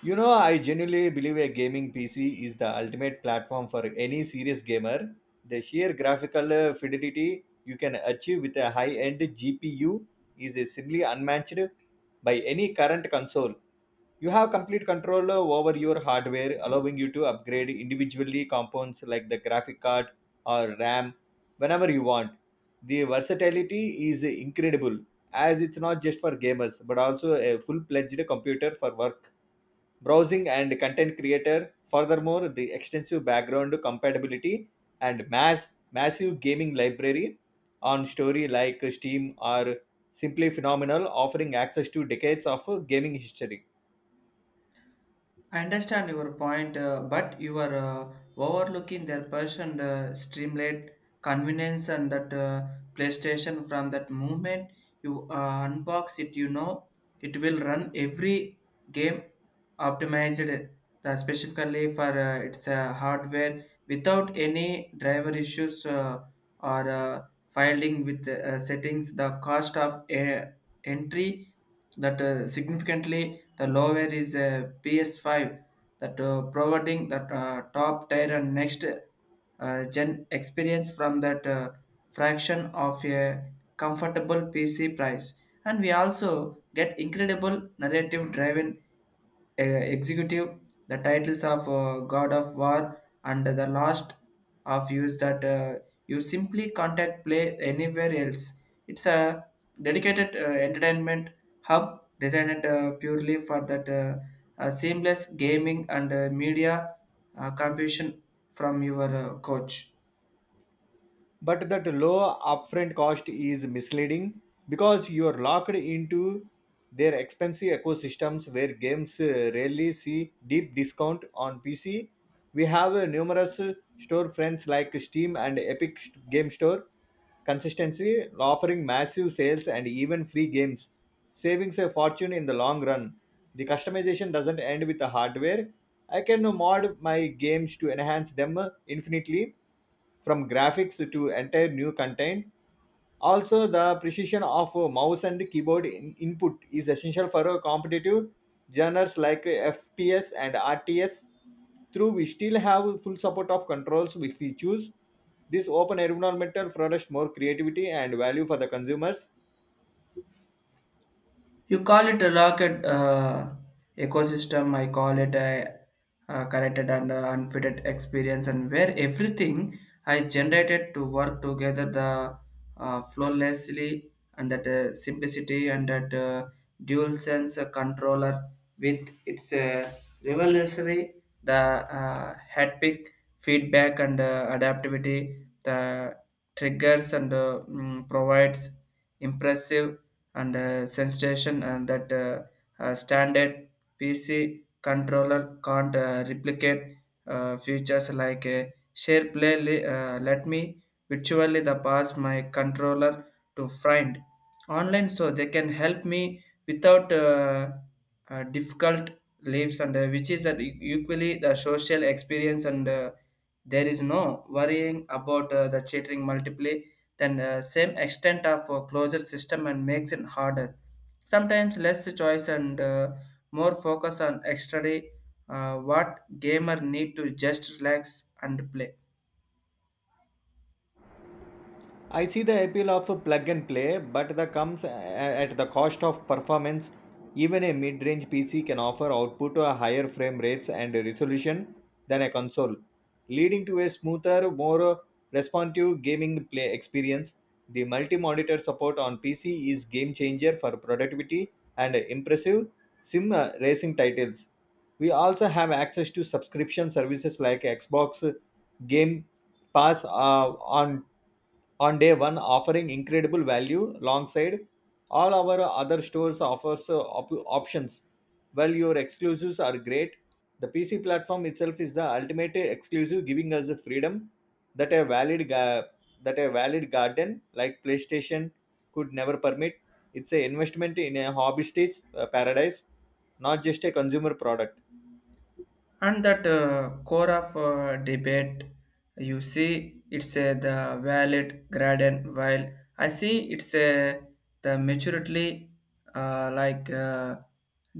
You know, I genuinely believe a gaming PC is the ultimate platform for any serious gamer. The sheer graphical fidelity you can achieve with a high end GPU is simply unmatched by any current console. You have complete control over your hardware, allowing you to upgrade individually components like the graphic card or RAM whenever you want. The versatility is incredible, as it's not just for gamers but also a full fledged computer for work, browsing and content creator. Furthermore, the extensive background compatibility and massive gaming library on story like Steam are simply phenomenal, offering access to decades of gaming history. I understand your point, but you are overlooking their person streamlet convenience, and that PlayStation from that moment you unbox it. You know it will run every game optimized specifically for its hardware without any driver issues or filing with settings. The cost of entry that significantly the lower is a PS5, that providing that top tier and next gen experience from that fraction of a comfortable PC price. And we also get incredible narrative driven executive, the titles of God of War, and the last of use that you simply contact play anywhere else. It's a dedicated entertainment hub designed purely for that seamless gaming and media competition from your coach. But that low upfront cost is misleading because you are locked into their expensive ecosystems where games rarely see deep discount on PC. We have numerous store friends like Steam and Game Store consistency offering massive sales and even free games, savings a fortune in the long run. The customization doesn't end with the hardware. I can mod my games to enhance them infinitely, from graphics to entire new content. Also, the precision of a mouse and keyboard input is essential for a competitive genres like FPS and RTS. Through we still have full support of controls if we choose. This open environmental products more creativity and value for the consumers. You call it a rocket ecosystem. I call it a connected and unfitted experience, and where everything I generated to work together the flawlessly, and that simplicity and that dual sense controller with its revolutionary the haptic feedback and adaptivity the triggers and provides impressive and sensation, and that standard PC controller can't replicate features like share play. Let me virtually the pass my controller to find online so they can help me without difficult lives, and which is that equally the social experience, and there is no worrying about the chattering multiply then same extent of closure system, and makes it harder. Sometimes less choice and more focus on extra day, what gamer need to just relax and play. I see the appeal of a plug and play, but that comes at the cost of performance. Even a mid range PC can offer output a higher frame rates and resolution than a console, leading to a smoother, more responsive gaming play experience. The multi monitor support on PC is game changer for productivity and impressive sim racing titles. We also have access to subscription services like Xbox Game pass on day one, offering incredible value alongside all our other stores offers, options. While your exclusives are great, the PC platform itself is the ultimate exclusive, giving us the freedom that that a valid garden like PlayStation could never permit. It's an investment in a hobbyist's paradise, not just a consumer product. And that core of debate, you see it's a the valid gradient, while I see it's a the maturely uh, like uh,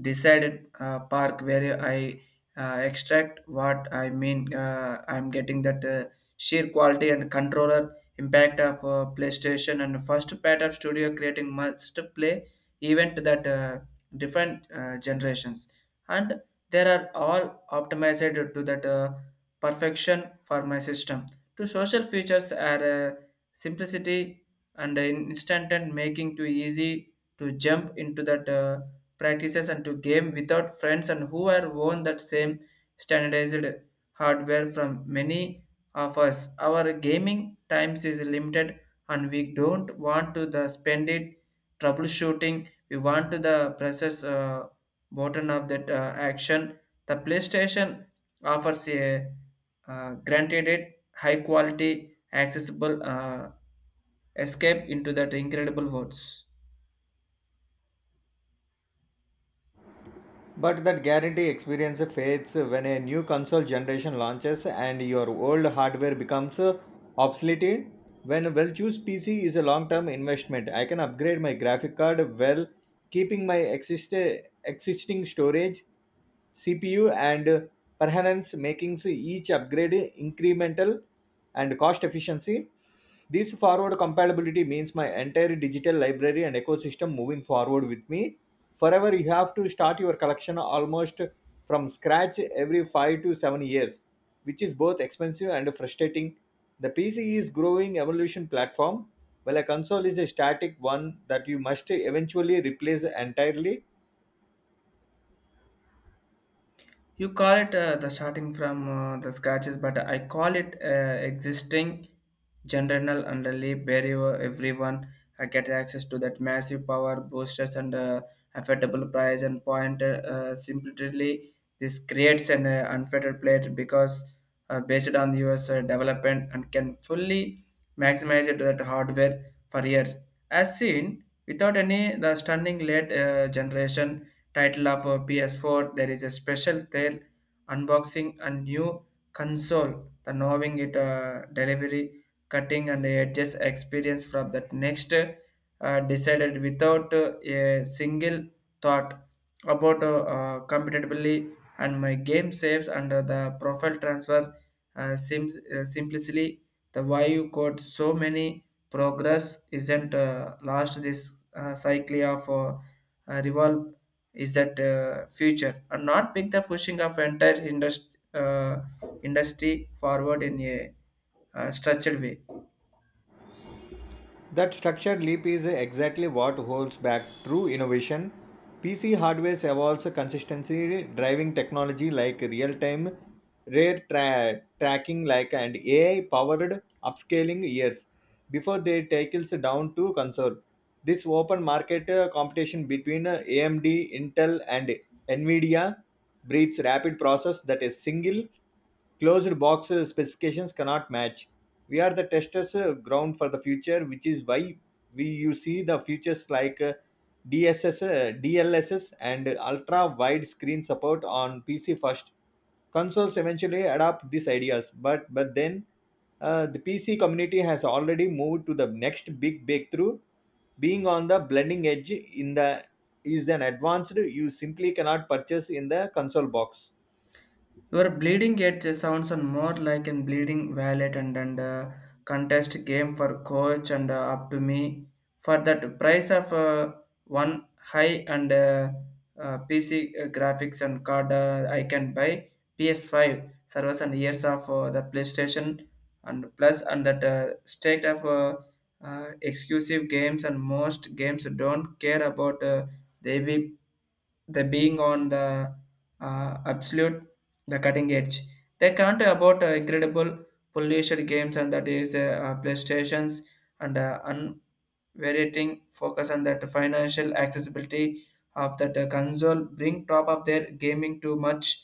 decided park, where I extract what I mean. I'm getting that sheer quality and controller impact of PlayStation, and first part of studio creating must play event that different generations, and they are all optimized to that perfection for my system. To social features are simplicity and instant, and making too easy to jump into that practices and to game without friends, and who are own that same standardized hardware from many of us. Our gaming times is limited, and we don't want to the spend it troubleshooting. We want to the process bottom of that action. The PlayStation offers a granted it high quality, accessible escape into that incredible worlds. But that guarantee experience fades when a new console generation launches and your old hardware becomes obsolete. When a well chosen PC is a long term investment, I can upgrade my graphic card while keeping my existing storage, CPU, and perhaps making each upgrade incremental and cost efficiency. This forward compatibility means my entire digital library and ecosystem moving forward with me forever. You have to start your collection almost from scratch every 5 to 7 years, which is both expensive and frustrating. The PC is growing evolution platform, while a console is a static one that you must eventually replace entirely. You call it the starting from the scratches, but I call it existing general underleaf, where you, everyone get access to that massive power boosters and affordable price and point. Simply, this creates an unfettered plate, because based on the US development, and can fully maximize it that hardware for year as seen, without any the stunning late generation title of PS4. There is a special tale unboxing a new console, the knowing it delivery, cutting and edges experience from that next decided without a single thought about compatibility and my game saves under the profile transfer sims simplicity, the why you got so many progress isn't last this cycle of revolve is that future, and not pick the pushing of entire industry forward in a structured way. That structured leap is exactly what holds back true innovation. PC hardware evolves consistency, driving technology like real time tracking like and AI powered upscaling years before they tackles down to console. This open market competition between AMD, Intel, and Nvidia breeds rapid process that a single closed box specifications cannot match. We are the testers ground for the future, which is why we you see the features like DSS, DLSS, and ultra wide screen support on PC first. Consoles eventually adopt these ideas, but then the PC community has already moved to the next big breakthrough. Being on the blending edge in the is an advanced you simply cannot purchase in the console box. Your bleeding edge sounds and more like a bleeding valet, and contest game for coach, and up to me. For that price of one high and PC graphics and card, I can buy PS5 servers and years of the PlayStation and plus, and that state of exclusive games. And most games don't care about they be the being on the absolute the cutting edge. They can't about incredible pollution games, and that is PlayStations and unvarying focus on that financial accessibility of that console, bring top of their gaming to much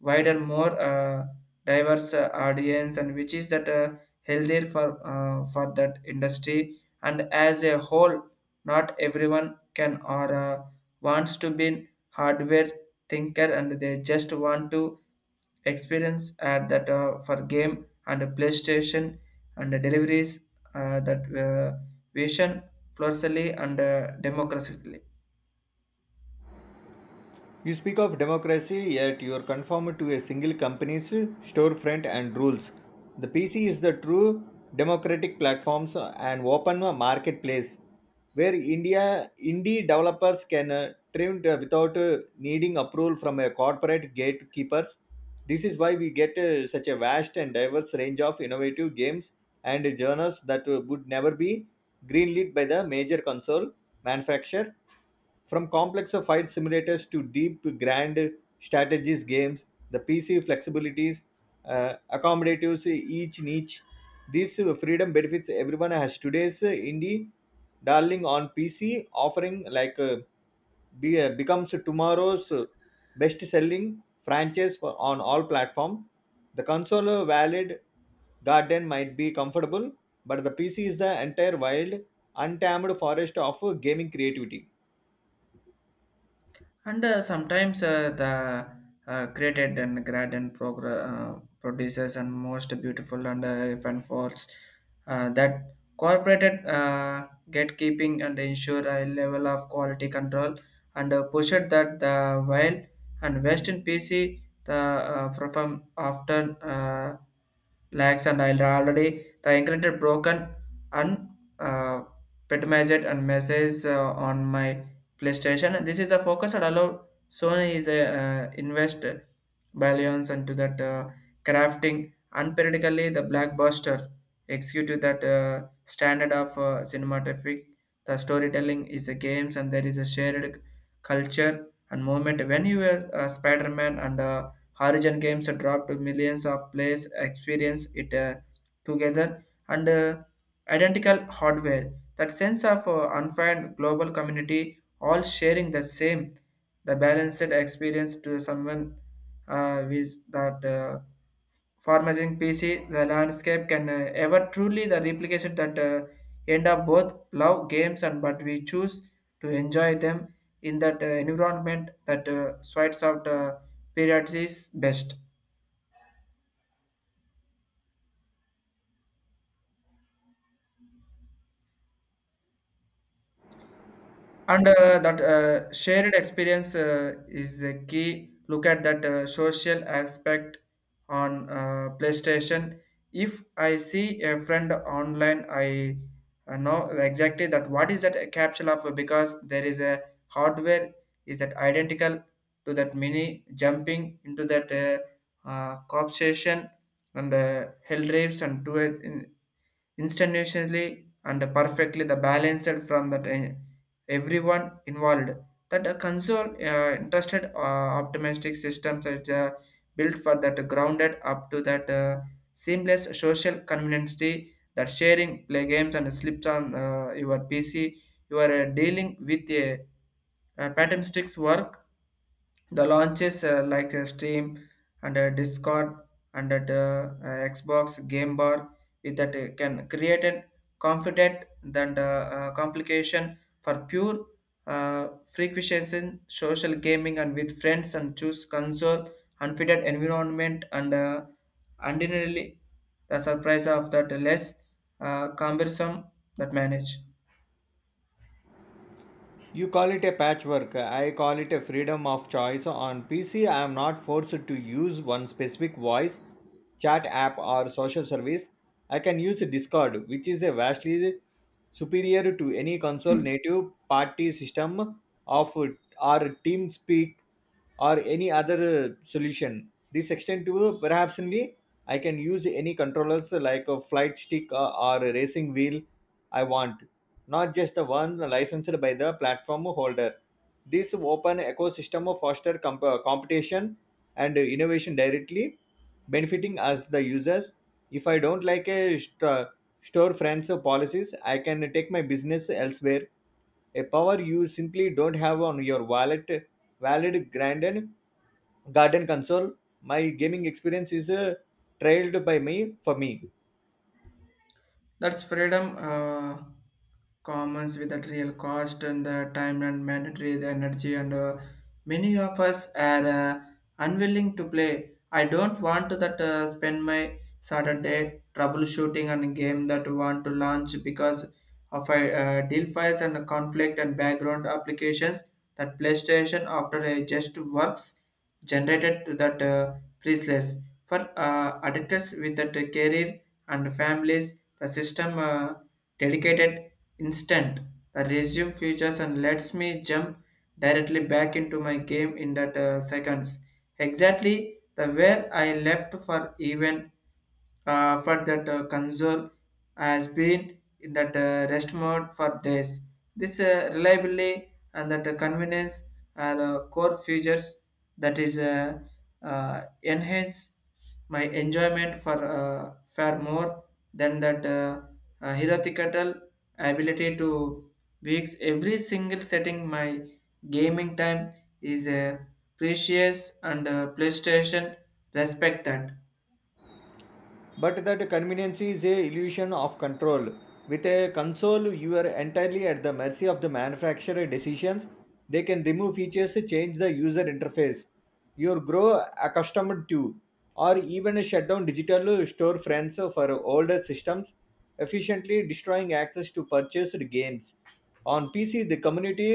wider, more diverse audience, and which is that healthier for for that industry and as a whole. Not everyone can or wants to be hardware thinker, and they just want to experience at that for game, and PlayStation and the deliveries that vision florally and democratically. You speak of democracy, yet you are conformed to a single company's storefront and rules. The PC is the true democratic platforms and open marketplace where India indie developers can trend without needing approval from a corporate gatekeepers. This is why we get such a vast and diverse range of innovative games and genres that would never be greenlit by the major console manufacturer, from complex fight simulators to deep grand strategies games. The PC flexibilities accommodates each niche. This freedom benefits everyone, has today's indie darling on PC offering like becomes tomorrow's best-selling franchise for, on all platform. The console valid garden might be comfortable, but the PC is the entire wild, untamed forest of gaming creativity. And sometimes the created and grad and producers and most beautiful and fun falls that corporated gatekeeping and ensure a level of quality control, and push it that the while, and western PC, the perform often lags, and I'll already the incremented broken and uh, petomized and message on my PlayStation. This is a focus that allowed Sony is a investor billions into that crafting unperiodically the blockbuster execute that standard of cinematographic. The storytelling is a games, and there is a shared culture and moment. When you were Spider-Man and Horizon games dropped, millions of players experience it together and identical hardware. That sense of unfined global community all sharing the same, the balanced experience to someone with that formatting PC, the landscape can ever truly the replication that end up both love games, and but we choose to enjoy them in that environment that sweats out period is best. And that shared experience is a key look at that social aspect on PlayStation. If I see a friend online, I know exactly that what is that a capsule of, because there is a hardware is that identical to that mini jumping into that cop station and hell drives and to two instantaneously and perfectly the balanced from that everyone involved. That a console interested optimistic systems are built for that grounded up to that seamless social convenience, that sharing play games and slips on your PC. You are dealing with a pattern sticks work the launches like Steam and Discord and Xbox Game Bar with that can create a confident than the complication for pure uh, frequency social gaming, and with friends and choose console unfitted environment, and ordinarily the surprise of that less cumbersome that manage. You call it a patchwork. I call it a freedom of choice. On PC, I am not forced to use one specific voice chat app or social service. I can use Discord, which is a vastly superior to any console native party system of or TeamSpeak or any other solution. This extent to perhaps only I can use any controllers like a flight stick or a racing wheel I want, not just the one licensed by the platform holder. This open ecosystem fosters competition and innovation directly, benefiting us, the users. If I don't like a store friends policies, I can take my business elsewhere. A power you simply don't have on your wallet, valid granted garden console. My gaming experience is trailed by me for me. That's freedom commons with that real cost and the time and mandatory the energy, and many of us are unwilling to play. I don't want to that spend my Saturday troubleshooting on a game that want to launch because of a deal files and conflict and background applications, that PlayStation after a just works generated to that priceless for addicts with that career and families. The system dedicated instant the resume features and lets me jump directly back into my game in that seconds, exactly the where I left for, even for that console has been in that rest mode for days. This reliability and that convenience are core features that is enhance my enjoyment for far more than that theoretical ability to weeks every single setting. My gaming time is precious, and PlayStation respect that. But that convenience is a illusion of control. With a console, you are entirely at the mercy of the manufacturer decisions. They can remove features, change the user interface you grow accustomed to, or even shut down digital storefronts for older systems, efficiently destroying access to purchased games. On PC, the community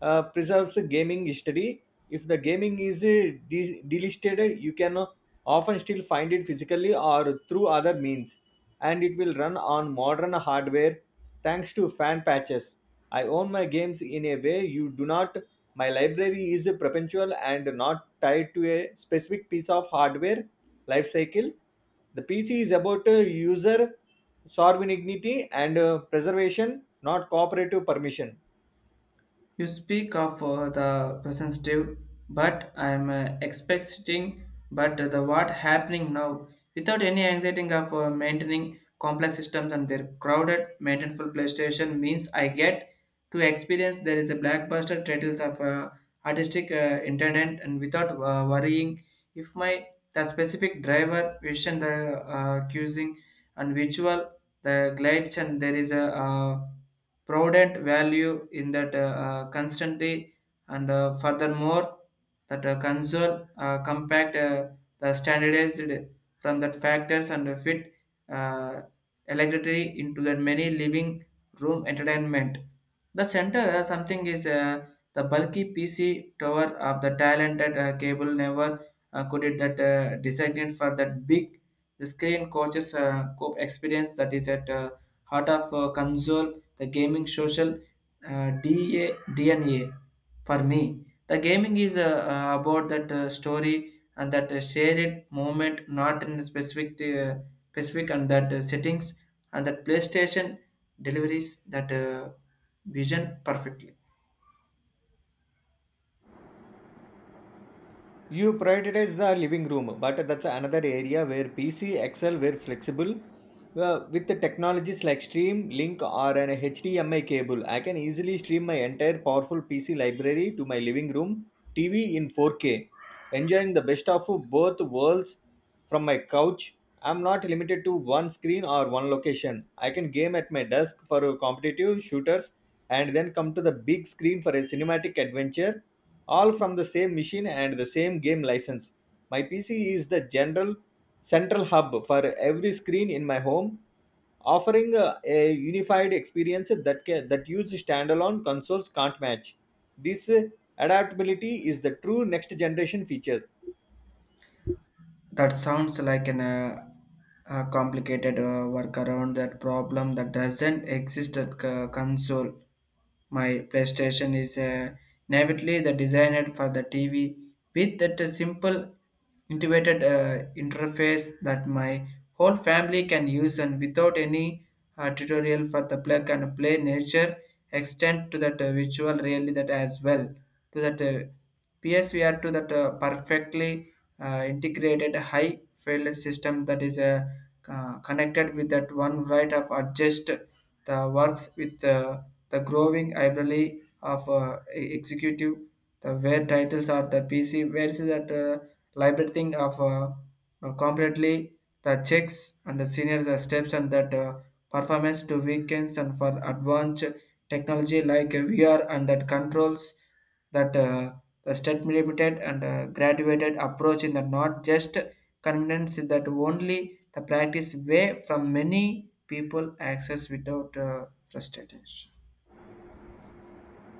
preserves gaming history. If the gaming is delisted, you can often still find it physically or through other means, and it will run on modern hardware thanks to fan patches. I own my games in a way you do not. My library is perpetual and not tied to a specific piece of hardware life cycle. The PC is about user sovereignty and preservation, not cooperative permission. You speak of the presentative, but I'm expecting, but the what happening now, without any anxiety of maintaining complex systems and their crowded, maintainable PlayStation, means I get to experience there is a blackbuster titles of artistic intent, and without worrying if my the specific driver vision the cuisine and visual the glides. And there is a Provident value in that constantly. And furthermore, that console compact the standardized from that factors, and fit uh, electricity into the many living room entertainment. The center something is the bulky PC tower of the talented cable never could it that designed for that big the screen coaches experience that is at heart of console the gaming social DA, DNA for me. The gaming is about that story and that shared moment, not in specific and that settings, and that PlayStation deliveries that vision perfectly. You prioritize the living room, but that's another area where PC excel were flexible. Well, with the technologies like stream link or an HDMI cable, I can easily stream my entire powerful PC library to my living room TV in 4K, enjoying the best of both worlds from my couch. I'm not limited to one screen or one location. I can game at my desk for competitive shooters and then come to the big screen for a cinematic adventure, all from the same machine and the same game license. My PC is the general central hub for every screen in my home, offering a unified experience that that used standalone consoles can't match. This adaptability is the true next generation feature. That sounds like an a complicated workaround that problem that doesn't exist at console. My PlayStation is natively the designed for the TV with that simple integrated interface that my whole family can use and without any tutorial for the plug and play nature extend to that visual really that as well to that PSVR to that perfectly integrated high failure system that is connected with that one right of adjust the works with the growing library of executive the where titles are the PC where is that library thing of completely the checks and the senior the steps and that performance to weekends and for advanced technology like VR and that controls that the state-limited and graduated approach in the not just convenience is that only the practice way from many people access without frustration.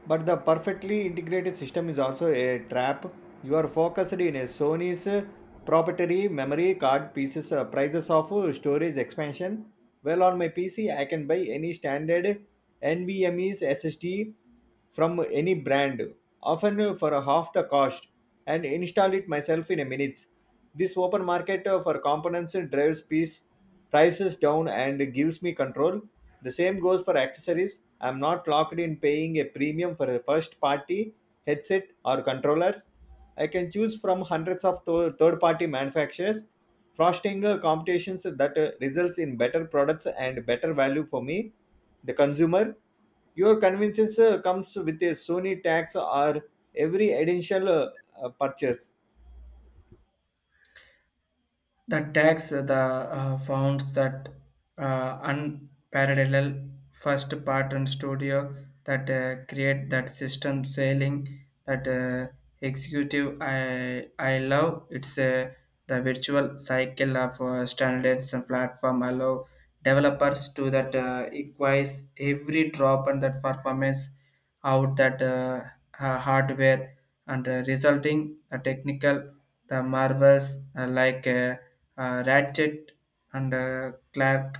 But the perfectly integrated system is also a trap. You are focused in a Sony's proprietary memory card pieces prices of storage expansion. Well, on my PC, I can buy any standard NVMe's SSD from any brand, often for half the cost, and install it myself in a minutes. This open market for components drives peace prices down and gives me control. The same goes for accessories. I'm not locked in paying a premium for a first party headset or controllers. I can choose from hundreds of third party manufacturers, fostering competitions that results in better products and better value for me, the consumer. Your convenience comes with a Sony tax or every additional purchase. The tax the found that unparalleled first pattern studio that create that system selling that executive I love it's the virtual cycle of standards and platform allow developers to that equalize every drop and that performance out that hardware and resulting the technical the marvels like Ratchet and Clark.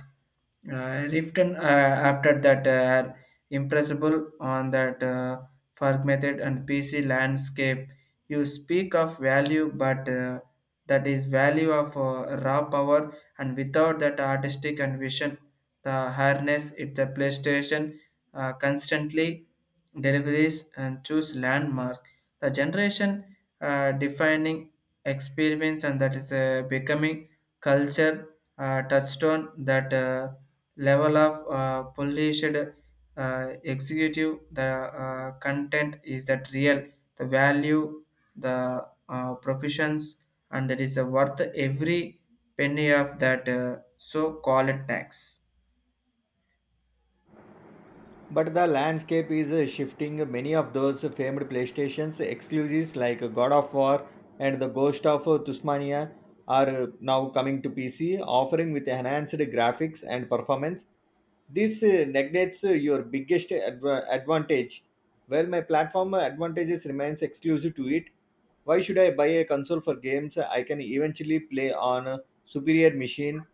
Riften after that are impressible on that Ferg method and PC landscape. You speak of value, but that is value of raw power, and without that artistic and vision, the harness it the PlayStation constantly deliveries and choose landmark. The generation defining experience and that is becoming culture touched on that level of polished executive the content is that real the value the provisions and that is worth every penny of that so called tax. But the landscape is shifting. Many of those famed PlayStation's exclusives like God of War and the Ghost of Tusmania are now coming to PC, offering with enhanced graphics and performance. This negates your biggest advantage. Well, my platform advantages remains exclusive to it. Why should I buy a console for games I can eventually play on superior machine?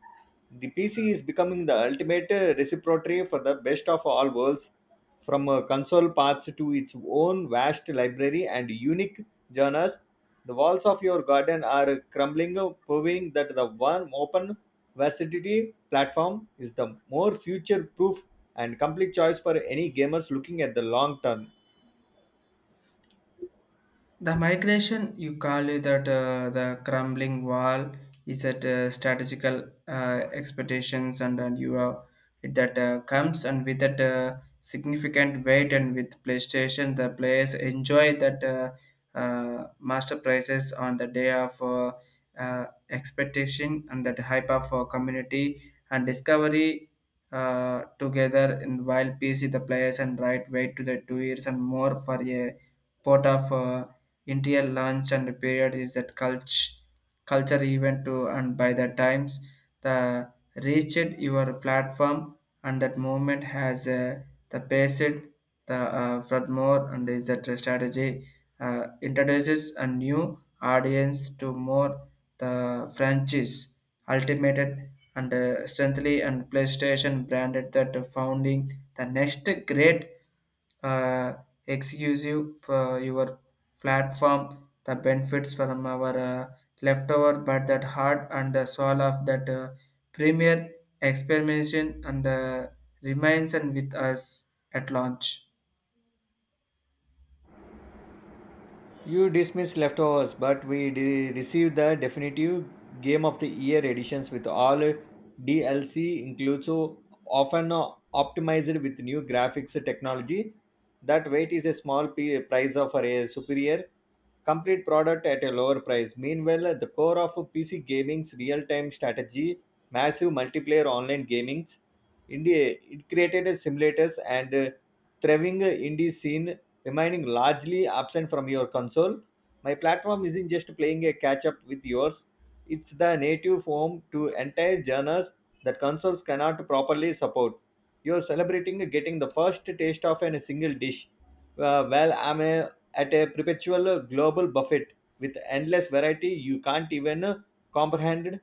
The PC is becoming the ultimate repository for the best of all worlds, from console paths to its own vast library and unique genres. The walls of your garden are crumbling, proving that the one open versatility platform is the more future proof and complete choice for any gamers looking at the long term. The migration, you call it that the crumbling wall is that strategical expectations, and you are that comes and with that significant weight, and with PlayStation, the players enjoy that master prices on the day of expectation and that hype of community and discovery together. And while PC, the players and right wait to the 2 years and more for a pot of. Indian lunch and period is that culture event too and by the times the reached your platform and that movement has the based the furthermore and is that strategy introduces a new audience to more the franchise ultimated and strengthly and playstation branded that founding the next great uh, exclusive for your platform the benefits from our leftover but that heart and the soul of that premier experimentation and remains and with us at launch. You dismiss leftovers, but we received the definitive Game of the Year editions with all DLC includes, so often optimized with new graphics technology. That weight is a small price of a superior complete product at a lower price. Meanwhile, the core of PC gaming's real-time strategy, massive multiplayer online gaming's, India it created simulators and thriving indie scene remaining largely absent from your console. My platform isn't just playing a catch up with yours, it's the native form to entire genres that consoles cannot properly support. You're celebrating getting the first taste of a single dish, while at a perpetual global buffet with endless variety you can't even comprehend.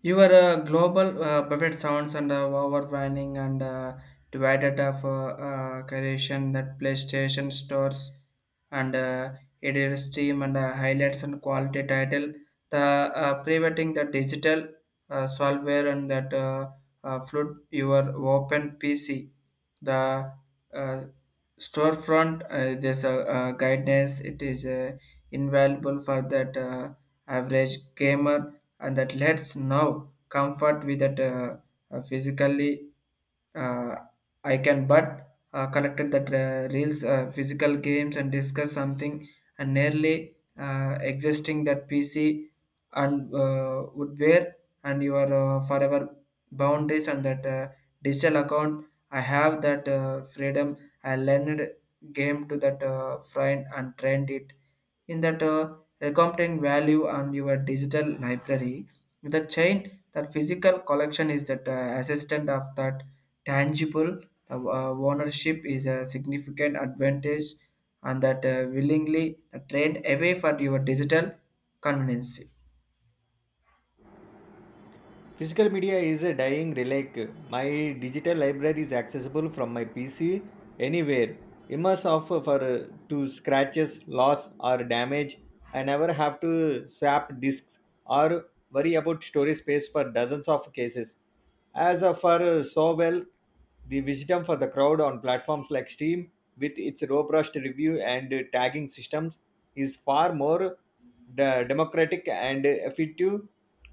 Your global buffet sounds and overwhelming and divided of creation that PlayStation stores and it is stream and highlights and quality title. The preventing the digital solver and that flood your open PC. The uh, storefront there's a, guidance it is invaluable for that average gamer and that lets now comfort with that physically uh, I can but collected that reels, physical games, and discuss something, and nearly existing that PC and would wear and your forever boundaries and that digital account. I have that freedom. I learned game to that friend and trained it in that recommending value on your digital library. The chain that physical collection is that assistant of that tangible. The ownership is a significant advantage, and that willingly trade away for your digital convenience. Physical media is a dying relic. My digital library is accessible from my PC anywhere. Immerse of for to scratches, loss or damage. I never have to swap disks or worry about storage space for dozens of cases. As of for so well, the wisdom for the crowd on platforms like Steam with its robust review and tagging systems is far more democratic and effective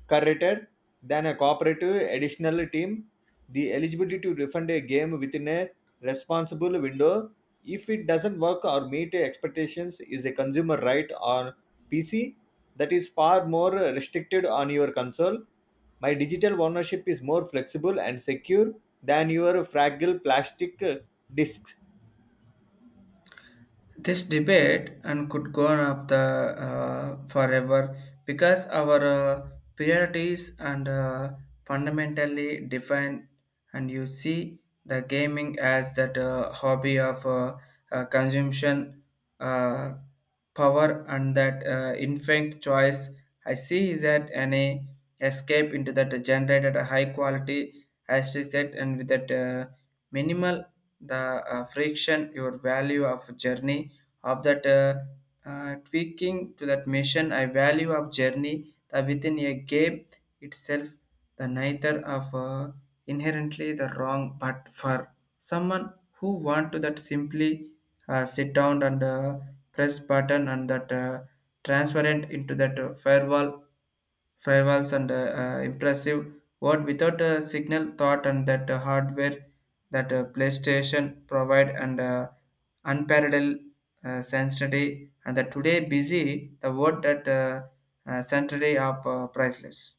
curated than a cooperative additional team. The eligibility to refund a game within a responsible window if it doesn't work or meet expectations is a consumer right on PC that is far more restricted on your console. My digital ownership is more flexible and secure than your fragile plastic discs. This debate and could go on of the forever because our priorities and fundamentally define and you see the gaming as that hobby of consumption uh, power and that infant choice. I see is that any escape into that generated a high quality as she said and with that minimal the friction your value of journey of that tweaking to that mission I value of journey that within a game itself the neither of inherently the wrong but for someone who want to that simply sit down and press button and that transparent into that firewalls and impressive what without a signal thought and that hardware that PlayStation provide and unparalleled sensitivity and that today busy the word that sensitivity of priceless.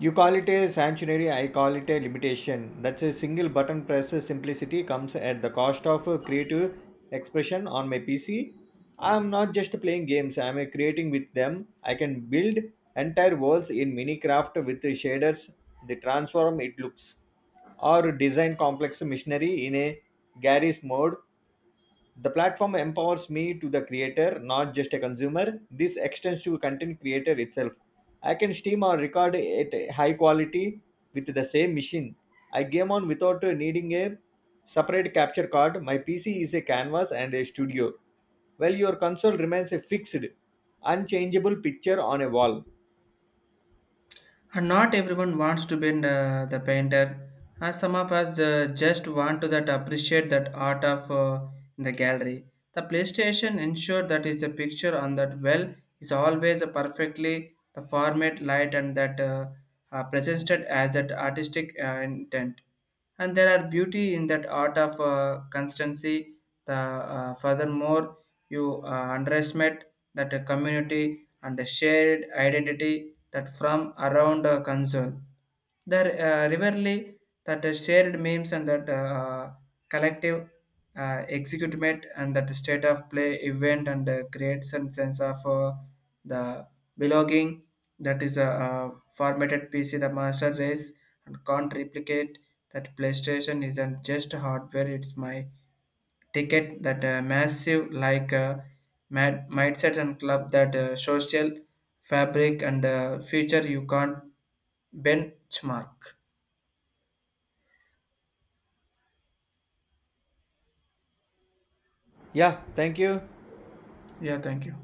You call it a sanctuary, I call it a limitation. That's a single button press simplicity comes at the cost of creative expression on my PC. I'm not just playing games, I'm creating with them. I can build entire worlds in Minecraft with the shaders, the transform it looks, or design complex machinery in a Garry's mode. The platform empowers me to the creator, not just a consumer. This extends to content creator itself. I can stream or record at a high quality with the same machine I game on without needing a separate capture card. My PC is a canvas and a studio, while your console remains a fixed, unchangeable picture on a wall. And not everyone wants to be the painter. And some of us just want to that appreciate that art of in the gallery. The PlayStation ensured that is a picture on that well is always a perfectly the format, light, and that presented as that artistic intent. And there are beauty in that art of constancy. The furthermore, you underestimate that a community and the shared identity that from around a console. The riverly that the shared memes and that collective executement and that state of play event and create some sense of the belonging that is a, formatted PC the master race and can't replicate that PlayStation isn't just hardware, it's my ticket that massive like mindset and club that social fabric and future you can't benchmark. Yeah, thank you. Yeah, thank you.